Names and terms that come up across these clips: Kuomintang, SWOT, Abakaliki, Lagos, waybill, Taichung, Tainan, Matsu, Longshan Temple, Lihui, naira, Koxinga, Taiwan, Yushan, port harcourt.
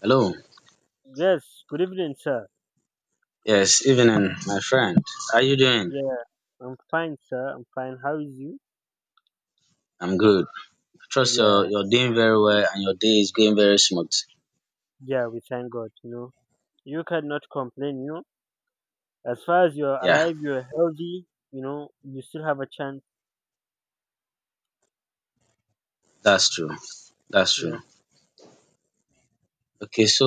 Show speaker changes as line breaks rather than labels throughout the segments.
Hello.
Yes, good evening, sir.
Yes, evening, my friend. How you doing?
Yeah, I'm fine, sir. I'm fine. How is you?
I'm good. Trust you're
Yeah,
you're doing very well and your day is going very smooth.
yeah, we thank God, you know. You cannot complain. As far as you're
Yeah,
alive, you're healthy, you still have a chance.
that's true. That's
Yeah.
true. Okay, so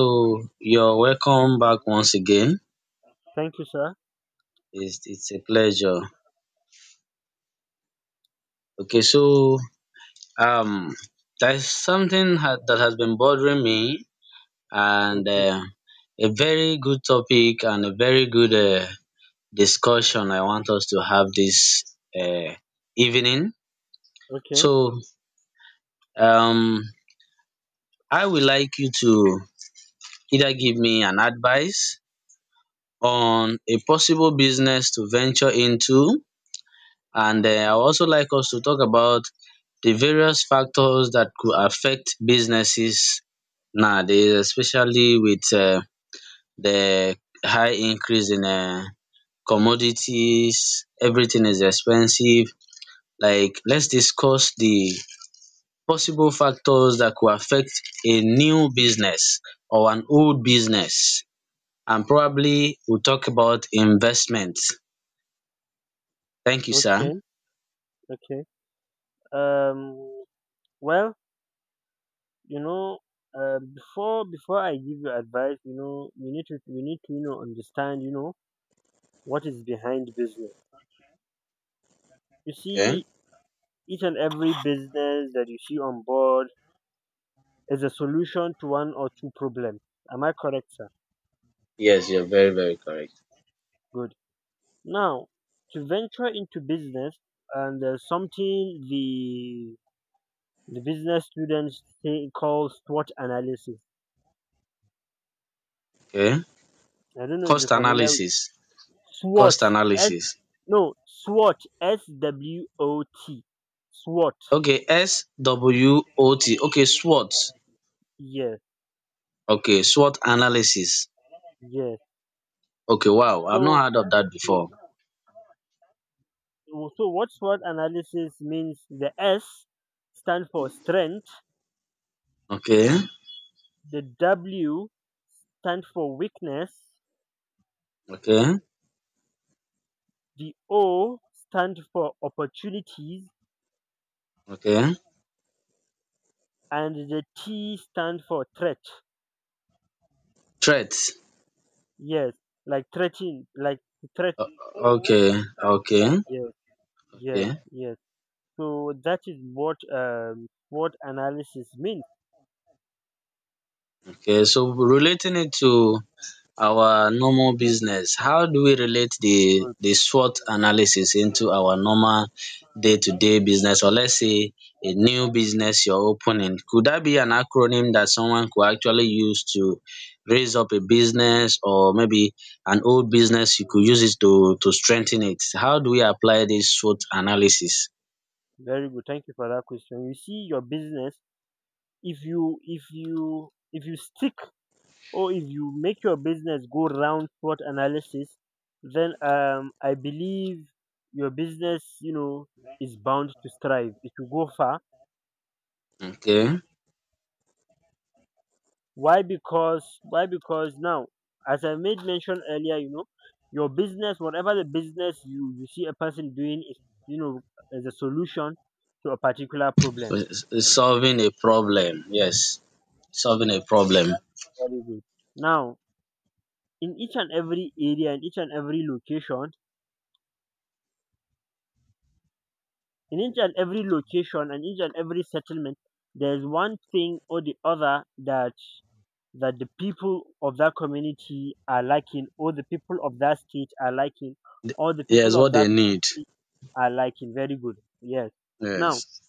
you're welcome back once again.
Thank you, sir.
It's a pleasure. Okay, so um there's something that has been bothering me, and
Okay,
uh, a very good topic and a very good discussion I want us to have this uh, evening.
okay,
So um I would like you to either give me an advice on a possible business to venture into, and I would also like us to talk about the various factors that could affect businesses nowadays, especially with the high increase in commodities. Everything is expensive. Like, let's discuss the possible factors that could affect a new business or an old business, and probably we'll talk about investments. Thank you, sir.
okay, okay. Um, well, you know, before I give you advice, you need to understand, what is behind business. You
Okay.
see, each and every business that you see on board is a solution to one or two problems. Am I correct, sir?
Yes, you're very, very correct.
Good. Now, to venture into business, and there's something the business students say, call SWOT analysis.
Okay.
I don't know if you're
Cost
familiar with
analysis.
SWOT.
Cost
S,
analysis.
no, SWOT. S W O T. SWOT.
Okay, SWOT. Okay, SWOT.
Yes,
Okay, SWOT analysis.
yes.
Okay, wow. I've
So,
not heard of that
so
before.
so what SWOT analysis means? The S stand for strength.
Okay.
The W stand for weakness.
Okay.
The O stand for opportunities,
Okay.
and the T stand for threat.
Threats.
Yes, like threatening, like threat.
O- Okay. Okay.
Yes, yes,
Okay.
yes. So that is what analysis means.
Okay. So relating it to our normal business, how do we relate the
Good,
the SWOT analysis into our normal day-to-day business, or let's say a new business you're opening? Could that be an acronym that someone could actually use to raise up a business, or maybe an old business you could use it to strengthen it? How do we apply this SWOT analysis?
very good. Thank you for that question. You see, your business, if you if you stick, or if you make your business go round SWOT analysis, then I believe your business, is bound to strive. It will go far.
Okay.
Why? Because now, as I made mention earlier, your business, whatever the business you see a person doing, is, you know as a solution to a particular problem.
Solving a problem, yes. Solving a problem.
Very good. Now, in each and every area, in each and every location, and each and every settlement, there's one thing or the other that the people of that community are lacking, or the people of that state are lacking, or the
Yes,
people of
what they
that
need.
country. I like it. Very good. Yes. Now,
Yes,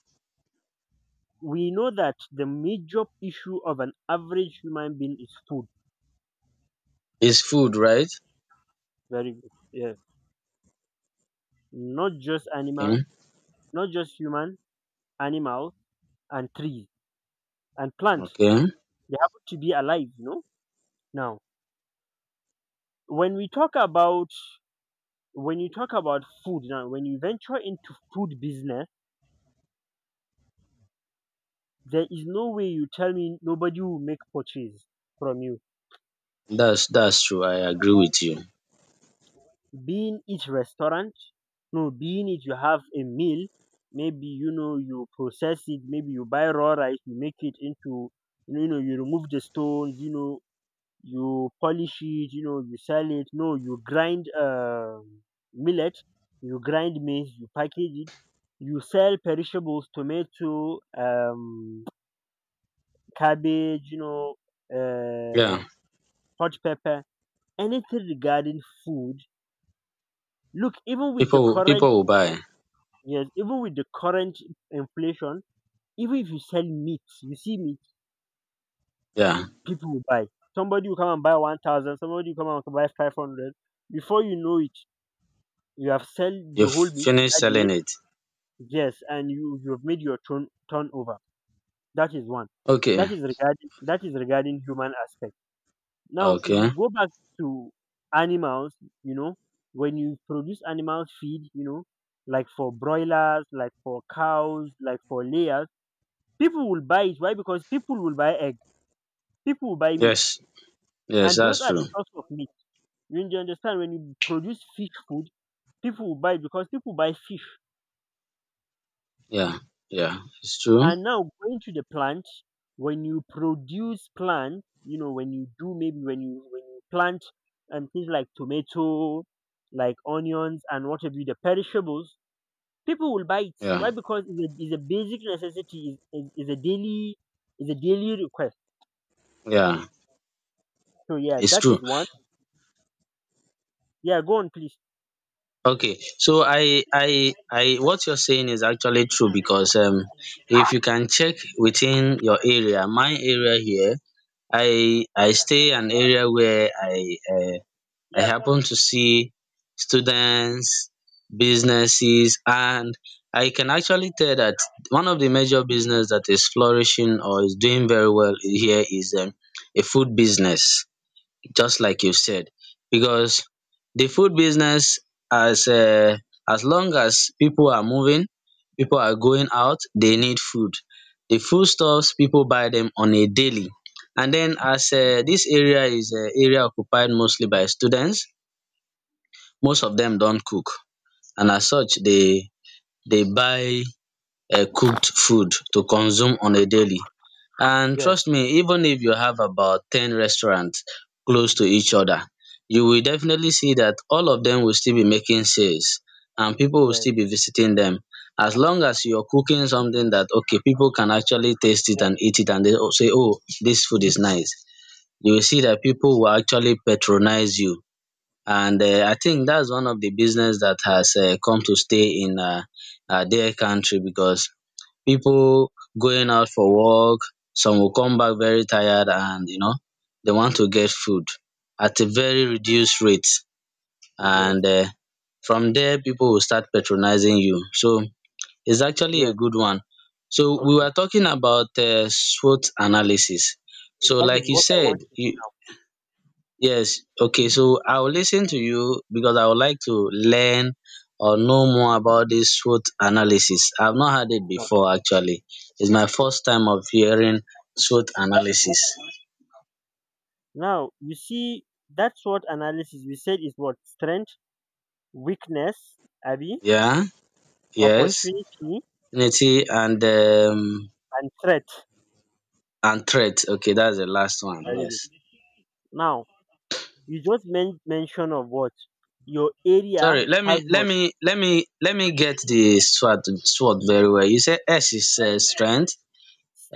we know that the major issue of an average human being is food.
it's food, right?
Very good. Yes. Not just
Okay,
animal, not just human, animal, and trees and plant.
okay.
They happen to be alive, you know? Now, when we talk about when you talk about food now, when you venture into food business, there is no way you tell me nobody will make purchase from you.
That's true. I agree with you.
Being it restaurant? No, being it you have a meal, maybe you process it, maybe you buy raw rice, you make it into, you remove the stones, you polish it, you sell it. No, you grind millet, you grind maize, you package it, you sell perishables, tomato, cabbage,
Yeah,
uh hot pepper, anything regarding food. Look, even with the
people
current
will buy.
yes, even with the current inflation, even if you sell meat, you see meat,
Yeah,
people will buy. Somebody will come and buy 1,000, somebody will come and buy 500. Before you know it, you have sold
you
the whole
f-
meat
finish
that
selling
day,
it.
yes, and you have made your turnover. That is one.
Okay,
That is regarding human aspect. Now, if you
okay.
go back to animals, you know, when you produce animal feed, like for broilers, like for cows, like for layers, people will buy it. Why? Because people will buy egg. People will buy meat,
Yes, yes,
and those
that's
are the
true.
source of meat. You understand? When you produce fish food, people will buy it because people buy fish.
Yeah, yeah, it's true.
And now going to the plant, when you produce plant, when you plant and things like tomato, like onions and what have you, the perishables, people will buy it.
Yeah,
Why? Because it's a basic necessity. Is a daily request.
yeah,
So yeah,
it's
that
true.
is one. Yeah, go on please.
Okay, so I what you're saying is actually true, because if you can check within your area, my area here, I stay an area where I happen to see students, businesses, and I can actually tell that one of the major business that is flourishing or is doing very well here is a food business, just like you said, because the food business, as uh, as long as people are moving, people are going out, they need food. The foodstuffs people buy them on a daily, and then as this area is area occupied mostly by students, most of dem don cook, and as such dey buy cooked food to consume on a daily. And trust
Yes.
me, even if you have about 10 restaurants close to each other, you will definitely see that all of dem will still be making sales, and people will
Yes,
still be visiting dem, as long as you're cooking something that okay, people can actually taste it and eat it, and they will say oh, this food is nice, you will see that people will actually patronize you. And I think that's one of the business that has come to stay in their country, because people going out for work, some will come back very tired, and you know they want to get food at a very reduced rate,
yes,
and from there people will start patronizing you. So it's actually a
yes.
good one. So we
Okay.
were talking about SWOT analysis. So
That
like
is
you
what I
said,
want to do now.
Yes, okay. So I will listen to you because I would like to learn or know more about this SWOT analysis. I've not heard it
Now,
before actually. It's my
okay,
first time of hearing SWOT analysis.
now you see, that's what analysis we said is what strength, weakness, Abby,
Yeah, yes.
opportunity,
Unity
and threat.
and threat. Okay, that's the last one.
Very good.
Yes.
Now, you just mention of what your area
Sorry, let me
has.
let
What?
me let me let me get the SWOT very well. You said S is strength,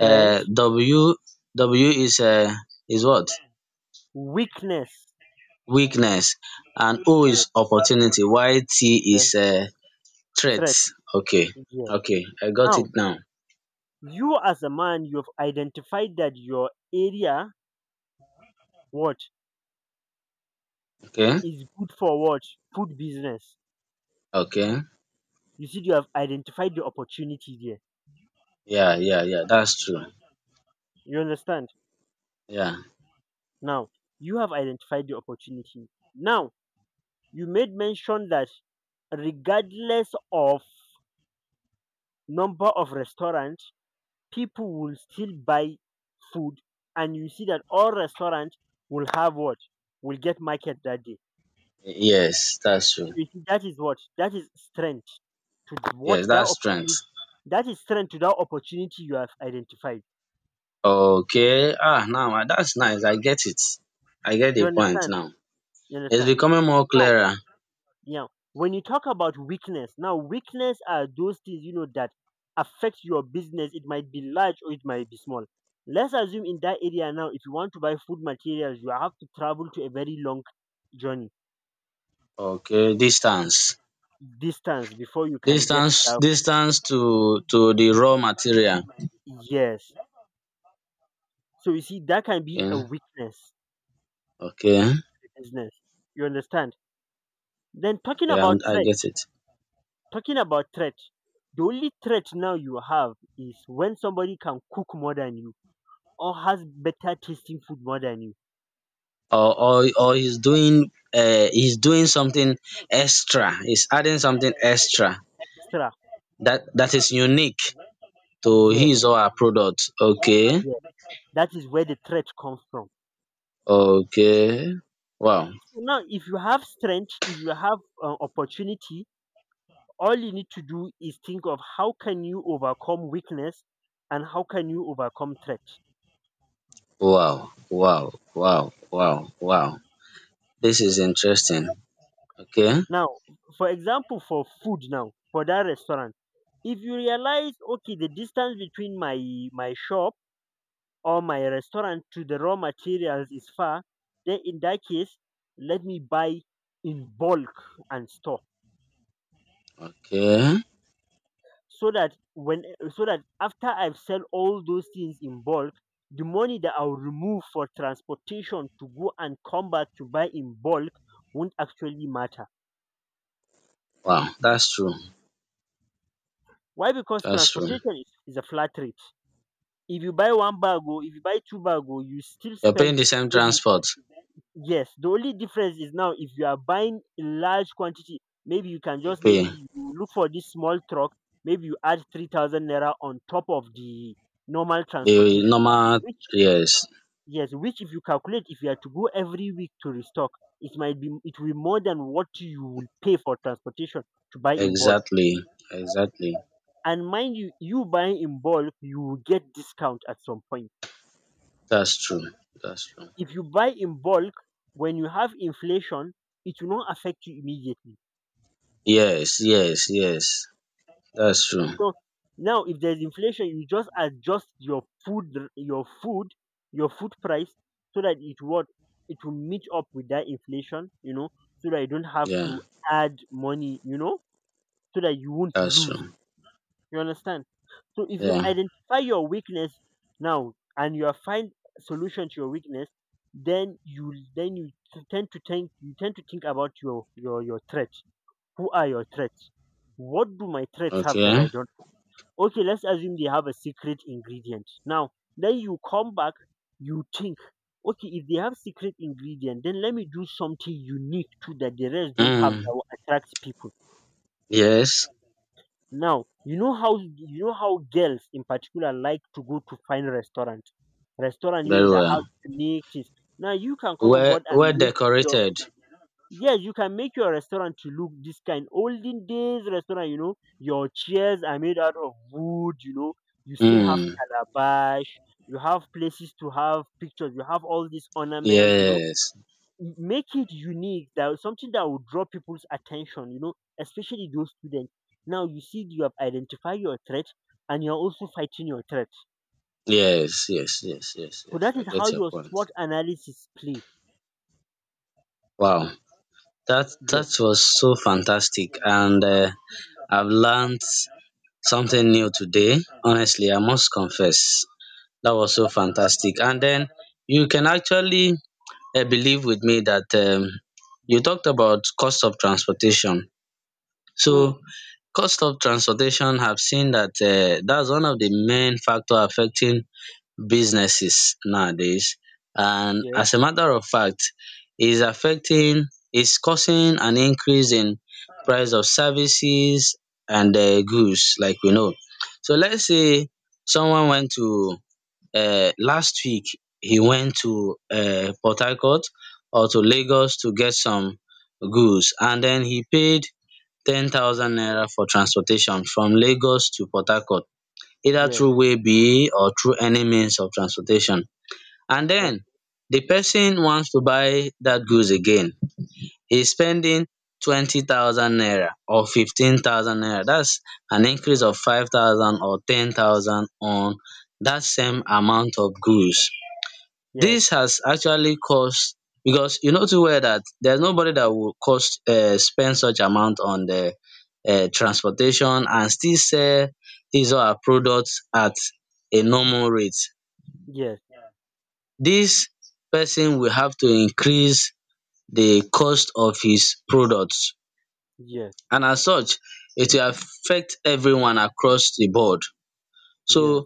uh W W is what?
weakness,
Weakness. And O
yes,
is opportunity, while T
then
is threat.
threat.
Okay,
Yeah.
okay, I got it
Now,
now.
you, as a man, you have identified that your area, what
Okay,
is good for what? Food business.
okay,
You see, you have identified the opportunity there.
yeah, yeah, yeah, that's true.
You understand?
Yeah,
Now, you have identified the opportunity. Now, you made mention that regardless of number of restaurants, people will still buy food, and you see that all restaurants will have what? Will get market that day.
yes, that's
So
true.
you see, that is what, to what
Yes,
that
that's strength.
opportunity that is strength to that opportunity you have identified.
Okay, ah, now ah, that's nice. I get it. I get
You
the point
understand?
now.
You
It's
understand?
becoming more
Now.
clearer.
Yeah. When you talk about weakness, now weakness are those things you know that affect your business. It might be large or it might be small. Let's assume in that area now, if you want to buy food materials, you have to travel to a very long journey,
Okay, distance,
distance, before you can get
distance,
that.
distance to the raw material.
Yes. So you see, that can be
Okay,
a weakness
okay,
to business. You understand? Then talking
okay, I
about
I
threat,
get it.
talking about threat, the only threat now you have is when somebody can cook more than you, or has better tasting food more than you.
Or he's doing something extra, he's adding something extra
Extra.
that is unique to
Yes,
his or her product. Okay.
yes. That is where the threat comes from.
Okay, wow,
So now, if you have strength, if you have opportunity, all you need to do is think of how can you overcome weakness and how can you overcome threat.
wow, wow, wow, wow, wow. This is interesting. Okay.
Now, for example, for food now, for that restaurant, if you realize, okay, the distance between my shop or my restaurant to the raw materials is far, then in that case, let me buy in bulk and store,
Okay,
so that after I've sell all those things in bulk, the money that I'll remove for transportation to go and come back to buy in bulk won't actually matter.
wow, that's true.
Why? Because
That's true.
transportation is a flat rate. If you buy one bag or if you buy two bag, or you still
You're paying
spend
the same
maybe,
transport.
yes. The only difference is now if you are buying in large quantity,
You
maybe
pay
you look for this small truck, maybe you add 3,000 naira on top of the normal
the
transportation,
normal.
which,
Yes.
yes, which, if you calculate, if you are to go every week to restock, it will be more than what you will pay for transportation to buy in bulk.
Exactly, exactly.
And mind you, you buying in bulk, you will get discount at some point.
That's true. That's true.
If you buy in bulk, when you have inflation, it will not affect you immediately.
Yes, yes, yes. That's true.
So now, if there's inflation, you just adjust your food price, so that it will meet up with that inflation. So that you don't have
Yeah,
to add money, so that you won't
that's
lose.
true.
You understand? So if you've
Yeah.
identified your weakness now and you have find solution to your weakness, then you t- tend to think you tend to think about your threats. Who are your threats? What do my threats have that
Okay.
I don't? Okay, let's assume they have a secret ingredient. Now, then you come back, you think, okay, if they have secret ingredient, then let me do something unique too that the rest don't have
Mm.
that will attract people.
Yes.
Now, you know how girls in particular like to go to fine restaurant. Restaurant,
Very
that have
well.
unique things. Now you can come on
Well,
board
well
and make your,
decorated.
yes, you can make your restaurant to look this kind. Olden days restaurant, your chairs are made out of wood, you still have
Mm.
calabash, you have places to have pictures, you have all these ornaments,
Yes.
make it unique, that something that will draw people's attention, especially those students. Now you see you have identified your threat, and you're also fighting your threat.
Yes, yes, yes, yes,
So
yes,
that
I
is how
get your
your
point.
SWOT analysis play.
Wow. That
Yes.
was so fantastic, and I've learned something new today. Honestly, I must confess that was so fantastic. And then you can actually believe with me that you talked about cost of transportation.
Mm.
So cost of transportation, have seen that that's one of the main factor affecting businesses nowadays, and
Yes,
as a matter of fact, is affecting, is causing an increase in price of services and goods, like we know. So let's say someone went to last week, he went to Port Harcourt or to Lagos to get some goods, and then he paid 10,000 naira for transportation from Lagos to Port Harcourt, either
yes,
through waybill or through any means of transportation, and
uh,
then the person wants to buy that goods again, he's spending 20,000 naira or 15,000 naira. That's an increase of 5,000 or 10,000 on that same amount of goods.
yes,
This has actually caused, because you know too well that there's nobody that will cost spend such amount on the transportation and still sell his or her products at a normal rate.
yes,
This person will have to increase the cost of his products,
yes,
and as such it will affect everyone across the board. So,
yes,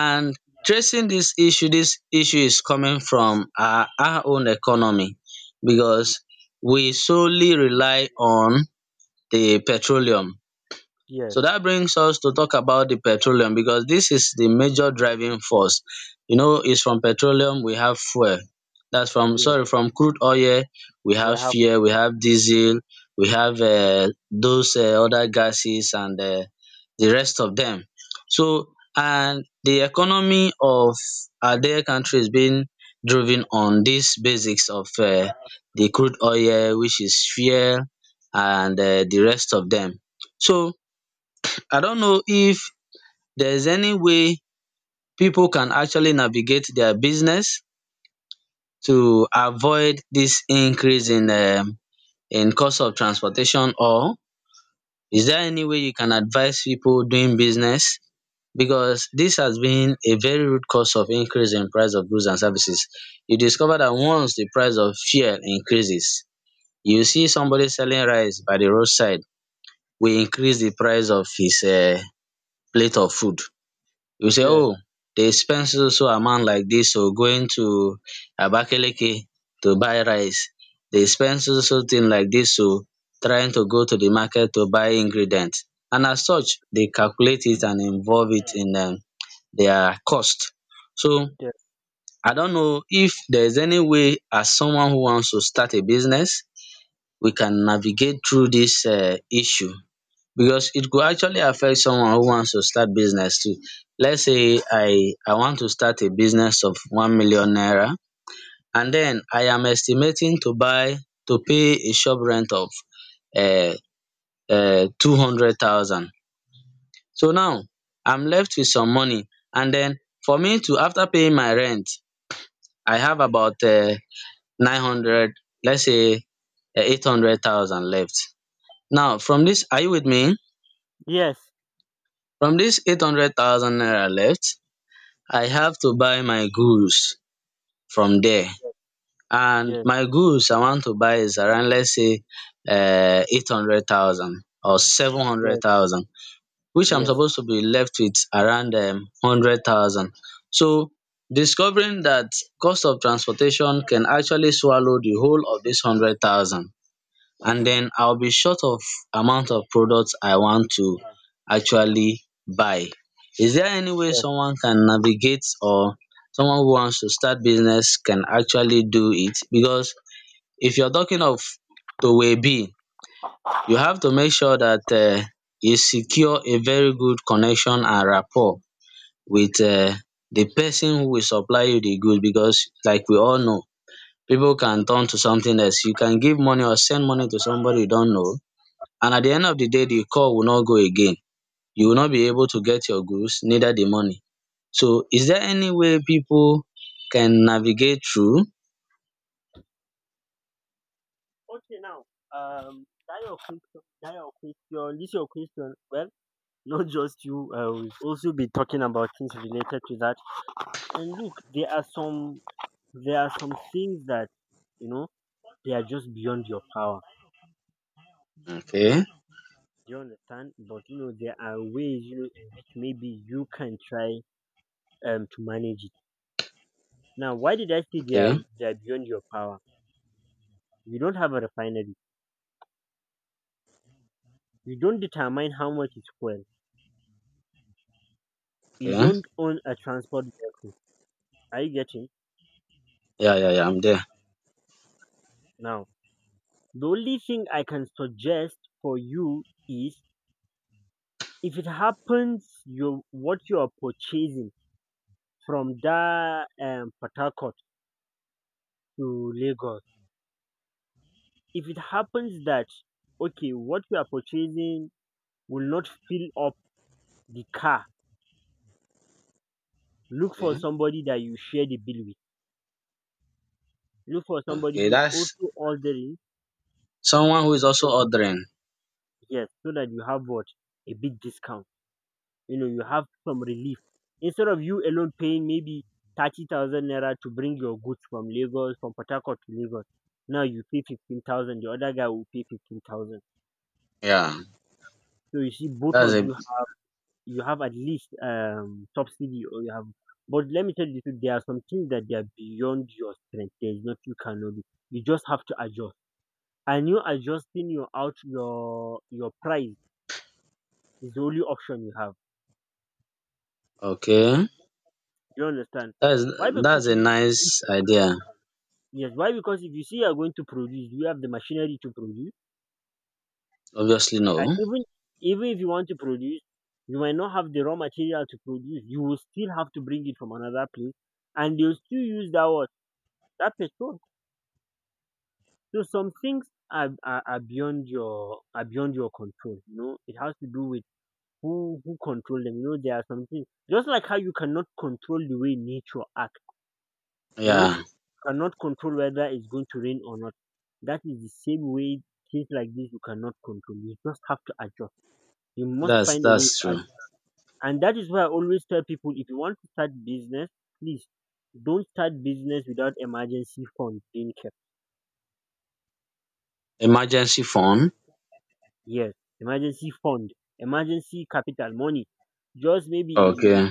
and tracing dis issue, dis issue is coming from our own economy, because we solely rely on the petroleum.
yes, yes,
So that brings us to talk about the petroleum, because this is the major driving force. You know, it's from petroleum we have fuel. That's from,
yes.
sorry, from crude oil we
We
have
have.
fuel, we have diesel, we have those other gases and the rest of them. So, and the economy of our dear country is being driven on these basics of the crude oil, which is fuel, and the rest of them. So I don't know if there's any way people can actually navigate their business to avoid this increase in cost of transportation. Or is there any way you can advise people doing business, because this has been a very rude cause of increase in price of goods and services. You discover that once the price of fuel increases, you see somebody selling rice by the roadside will increase the price of his plate of food. You say
Yes,
oh, dey spend so so amount like dis oh going to Abakaliki to buy rice, dey spend so so thing like dis oh trying to go to the market to buy ingredient, and as such dey calculate it and involve it in their cost. So
yes,
I don know if there is any way, as someone who wants to start a business, we can navigate through dis issue, because it could actually affect someone who wants to start business too. Let's say I want to start a business of 1,000,000 naira, and then I am estimating to buy, to pay a shop rent of uh, 200,000. So now I'm left with some money, and then for me to, after paying my rent, I have about 900, let's say 800,000 left. Now from this, are you with me?
yes,
From this 800,000 naira left, I have to buy my goods from there, and
yes,
my goods I want to buy is around, let's say 800,000 or seven hundred
yes,
thousand which I'm
yes,
supposed to be left with around 100,000. So, discovering that cost of transportation can actually swallow the whole of this 100,000, and then I'll be short of amount of products I want to actually buy. Is there any way
yes.
someone can navigate, or someone who wants to start business can actually do it? Because if you're talking of Towe B, you have to make sure that you secure a very good connection and rapport with the person who will supply you the goods. Because, like we all know, people can turn to something else. You can give money or send money to somebody you don't know, and at the end of the day the call will not go again. You will not be able to get your goods, neither the money. So is there any way people can navigate through?
Okay, now, um that your question that your question this your question, well, not just you. We'll also be talking about things related to that. And look, there are some things that, you know they are just beyond your power.
Okay,
Do you understand? But, there are ways, in which maybe you can try to manage it. Now, why did I say they
okay,
are they are beyond your power? You don't have a refinery. You don't determine how much is fuel. You
okay.
don't own a transport vehicle. Are you getting
Yeah, yeah, yeah, I'm there.
now? The only thing I can suggest for you is if it happens you what you are purchasing from that Port Harcourt to Lagos, if it happens that okay, what you are purchasing will not fill up the car, look for
Okay.
somebody that you share the bill with. Look for somebody
Okay,
who is
that's
also ordering,
someone who is also ordering.
yes, so that you have what? A big discount. You know, you have some relief instead of you alone paying maybe 30,000 naira to bring your goods from lagos from port harcourt to lagos. Now you pay 15,000, the other guy will pay 15,000.
Yeah,
So you see, both
that's
of
a
you you have at least subsidy or you have. But let me tell you the truth, there are some things that they are beyond your strength, there is not, you cannot do. You just have to adjust, and you adjusting your out your price is the only option you have.
okay,
You understand?
that's
Why? Because
that's a
if you, if
nice idea.
yes, why? Because if you see you are going to produce, do you have the machinery to produce?
Obviously
And
no.
even if you want to produce, you might not have the raw material to produce. You will still have to bring it from another place, and they'll still use that what? That petrol. So some things are beyond your control. You know, it has to do with who control them. You know, there are some things just like how you cannot control the way nature acts. You know.
Yeah,
Cannot control whether it's going to rain or not. That is the same way things like this you cannot control. You just have to adjust. You must find a way
that's
to
true.
adjust. And that is why I always tell people, if you want to start business, please, don't start business without emergency fund being kept.
Emergency phone.
Yes, emergency fund, emergency capital money. Just maybe
Okay,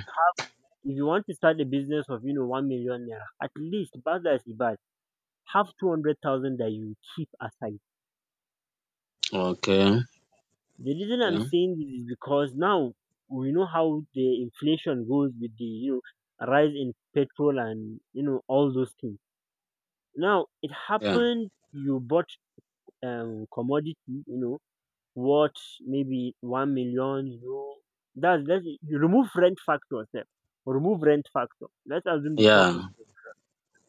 if you want to start a business of 1,000,000 naira, at least bad as the bad, have 200,000 that you keep aside.
okay,
The reason I'm
okay.
saying this is because now we know how the inflation goes with the rise in petrol and all those things. Now it
Yeah,
happened you bought commodity, you know, worth maybe 1,000,000, you know. That's, let you remove rent factor step. Remove rent factor. Let's assume the shop is,
yeah.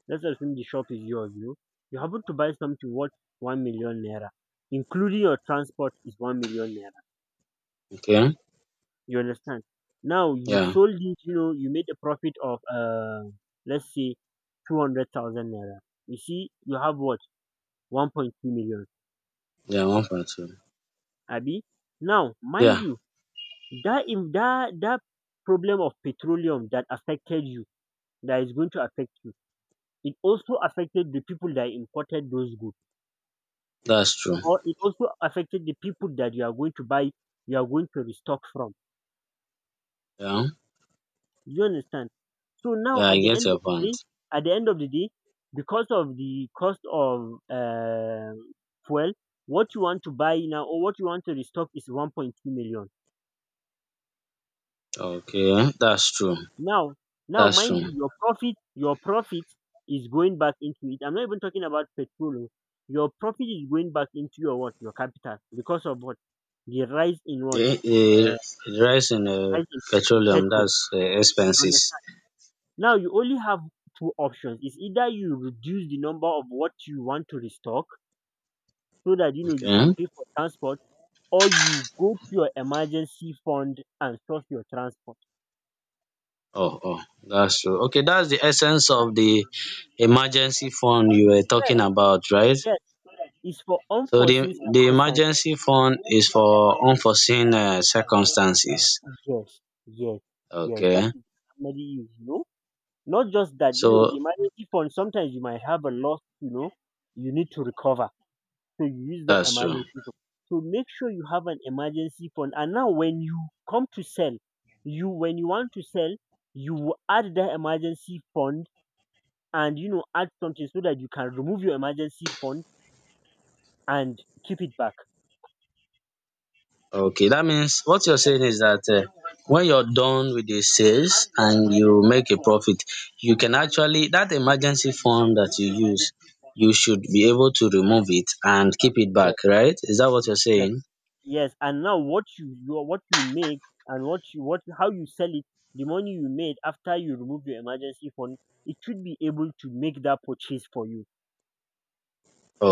let's assume the shop is yours, you know. You happen to buy something worth 1,000,000 naira, including your transport is 1,000,000 naira.
Okay.
You understand? Now you
Yeah.
sold it, you know, you made a profit of let's say 200,000 naira. You see, you have what? 1.2 million.
Yeah, 1.2.
Abi? Now, mind
Yeah,
you, that problem of petroleum that affected you, that is going to affect you, it also affected the people that imported those goods.
that's true.
Or it also affected the people that you are going to buy, you are going to restock from.
Yeah,
You understand? So now
yeah, I
at the
get
end
your
of the
point.
day, at the end of the day, because of the cost of fuel, what you want to buy now or what you want to restock is 1.2 million.
Okay, that's true.
Now, now
That's
mind
true.
you, your profit is going back into it. I'm not even talking about petrol. Oh. Your profit is going back into your what? Your capital, because of what? The rise in what?
The, the the rise in
Rise in
petroleum,
petrol.
that's
You,
expenses.
now you only have two options. It's either you reduce the number of what you want to restock so that you know you can
Okay.
pay for transport, or you go to your emergency fund and source your transport.
Oh, oh, that's true. Okay, that's the essence of the emergency fund you were
Yes,
talking about, right?
yes. It's for
So the
unforeseen
the
circumstances.
emergency fund is for unforeseen circumstances.
Yes, yes, yes. That
Okay,
is the family use, you know. Not just that, you know, the
so
emergency fund, sometimes you might have a loss, you know, you need to recover. So you use that
that's true.
emergency fund. So make sure you have an emergency fund. And now when you come to sell, you when you want to sell, you will add that emergency fund and you know add something so that you can remove your emergency fund and keep it back.
Okay, that means what you're saying is that when you're done with the sales and you make a profit, you can actually, that emergency fund that you use, you should be able to remove it and keep it
Yes.
back, right? Is that what you're
Yes.
saying?
Yes. And now what you what you make and what you what how you sell it, the money you made after you remove your emergency fund, it should be able to make that purchase for you.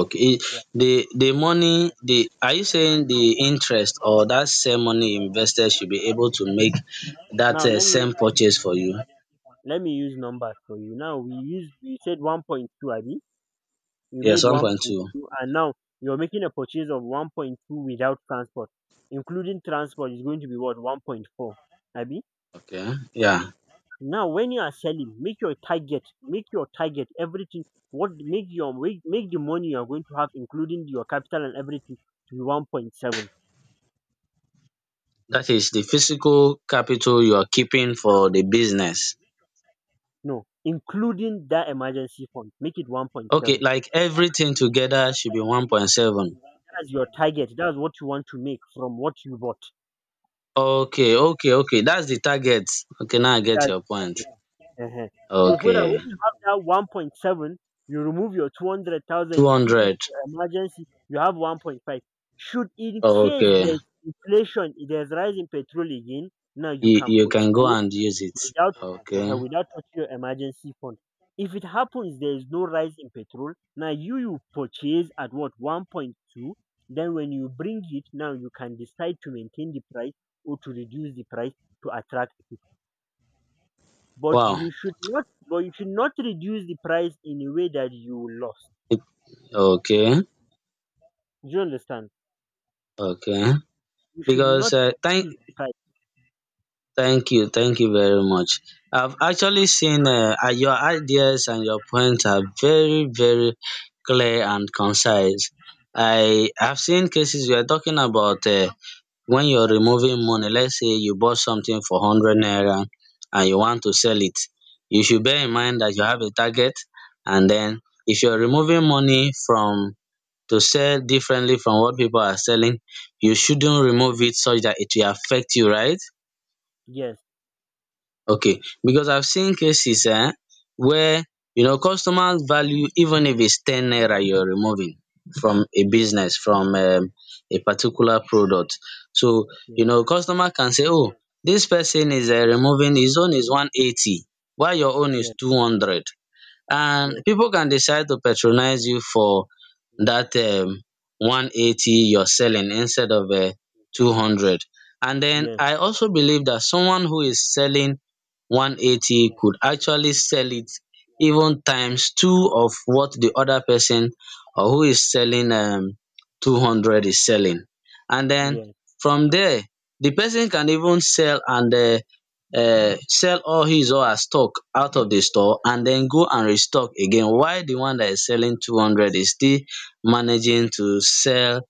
Okay. Yeah. The money, the are you saying the interest or that same money invested should be able to make that
Now let me,
same purchase for you?
let me use numbers for you. Now we used, we said 1.2, Abi. You made
Yes,
one point
1.2.
two, and now you're making a purchase of 1.2 without transport, including transport is going to be what? 1.4, Abi.
Okay. Yeah.
Now when you are selling, make your target everything. What, make your make, make the money you are going to have, including your capital and everything, to be 1.7.
That is the physical capital you are keeping for the business.
No, including that emergency fund, make it one point
Okay,
seven.
like everything together should be 1.7.
That's your target. That's what you want to make from what you bought.
Okay, okay, okay, that's the target. Okay, now I get
That's
your point.
Uh huh. So, so that
Okay.
when you have that 1.7, you remove your 200,000,
two
you keep it
hundred
for emergency, you have 1.5. Should in case
Okay.
there's inflation, if there's rise in petrol again, now you
you
can
you can go
purchase
and use it.
without,
Okay.
ehen, without touching your emergency fund. If it happens, there is no rise in petrol. Now you purchase at what? 1.2. Then when you bring it, now you can decide to maintain the price or to reduce the price to attract, but
Wow.
you should not reduce the price in a way that you will lose.
Okay.
Do you understand?
Okay,
You should not
because
reduce the price.
thank you, thank you very much. I've actually seen your ideas and your points are very, very clear and concise. I have seen cases we are talking about when you're removing money, let's say you bought something for 100 naira and you want to sell it. You should bear in mind that you have a target, and then if you're removing money from to sell differently from what people are selling, you shouldn't remove it such that it will affect you, right?
Yes,
Okay, because I've seen cases where customers value, even if it's 10 naira you're removing from a
yes,
business from a particular product. So
yes,
customer can say, oh, dis person is removing his own is 180 while your own is
yes,
200. And
yes,
people can decide to patronize you for that 180 you're selling instead of 200, and then
yes,
I also believe that someone who is selling 180 could actually sell it even times two of what the other person or who is selling 200 is selling. And then
yes.
from there the person can even sell and sell all his or her stock out of the store and then go and restock again, while the one that is selling 200 is still managing to sell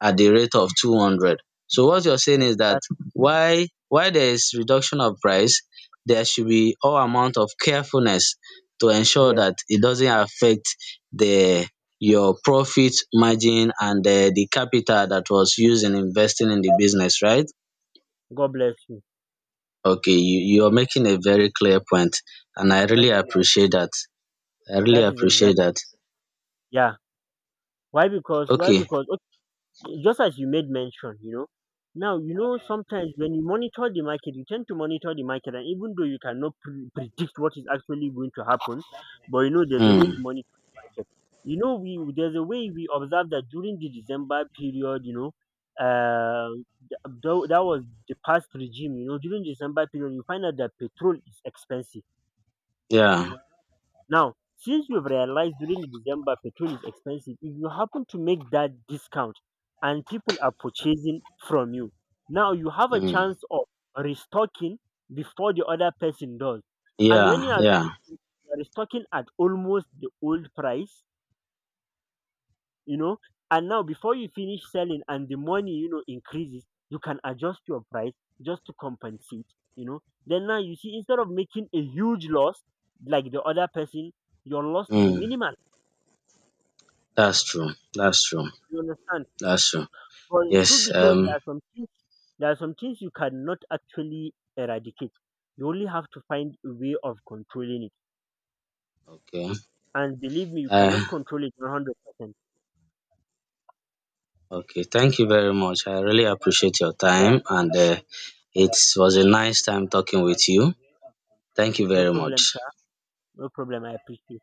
at the rate of 200. So what you're saying is that
Exactly.
why there is reduction of price, there should be all amount of carefulness to ensure
Yes.
that it doesn't affect the your profit margin and the capital that was used in investing in the business, right?
God bless you.
Okay, you're making a very clear point, and I
That
really
is that,
appreciate that. I really
that is
appreciate
exactly,
that.
yeah. Why, because
Okay,
just as you made mention, you know, now you know sometimes when you monitor the market, you tend to monitor the market, and even though you cannot predict what is actually going to happen, but you know there's a way you
mm,
monitor the market. You know, we there's a way we observe that during the December period, you know, uh, that was the past regime. You know, during December period, you find out that petrol is expensive.
yeah,
Now, since you've realized during December petrol is expensive, if you happen to make that discount and people are purchasing from you, now you have a
mm,
chance of restocking before the other person does. And when
yeah, yeah,
restocking, you are restocking at almost the old price, you know, and now before you finish selling and the money, you know, increases, you can adjust your price just to compensate, you know. Then now you see, instead of making a huge loss like the other person, your loss will be
mm,
minimal.
that's true. That's true.
You understand?
That's true.
But truth
Yes,
be told, there are some things, there are some things you cannot actually eradicate. You only have to find a way of controlling it.
okay,
And believe me, you
uh,
cannot control it 100%.
okay, thank you very much. I really appreciate your
Yeah,
time, and it was a nice time talking with you. Thank you
no
very
problem,
much.
sir. No problem. I appreciate.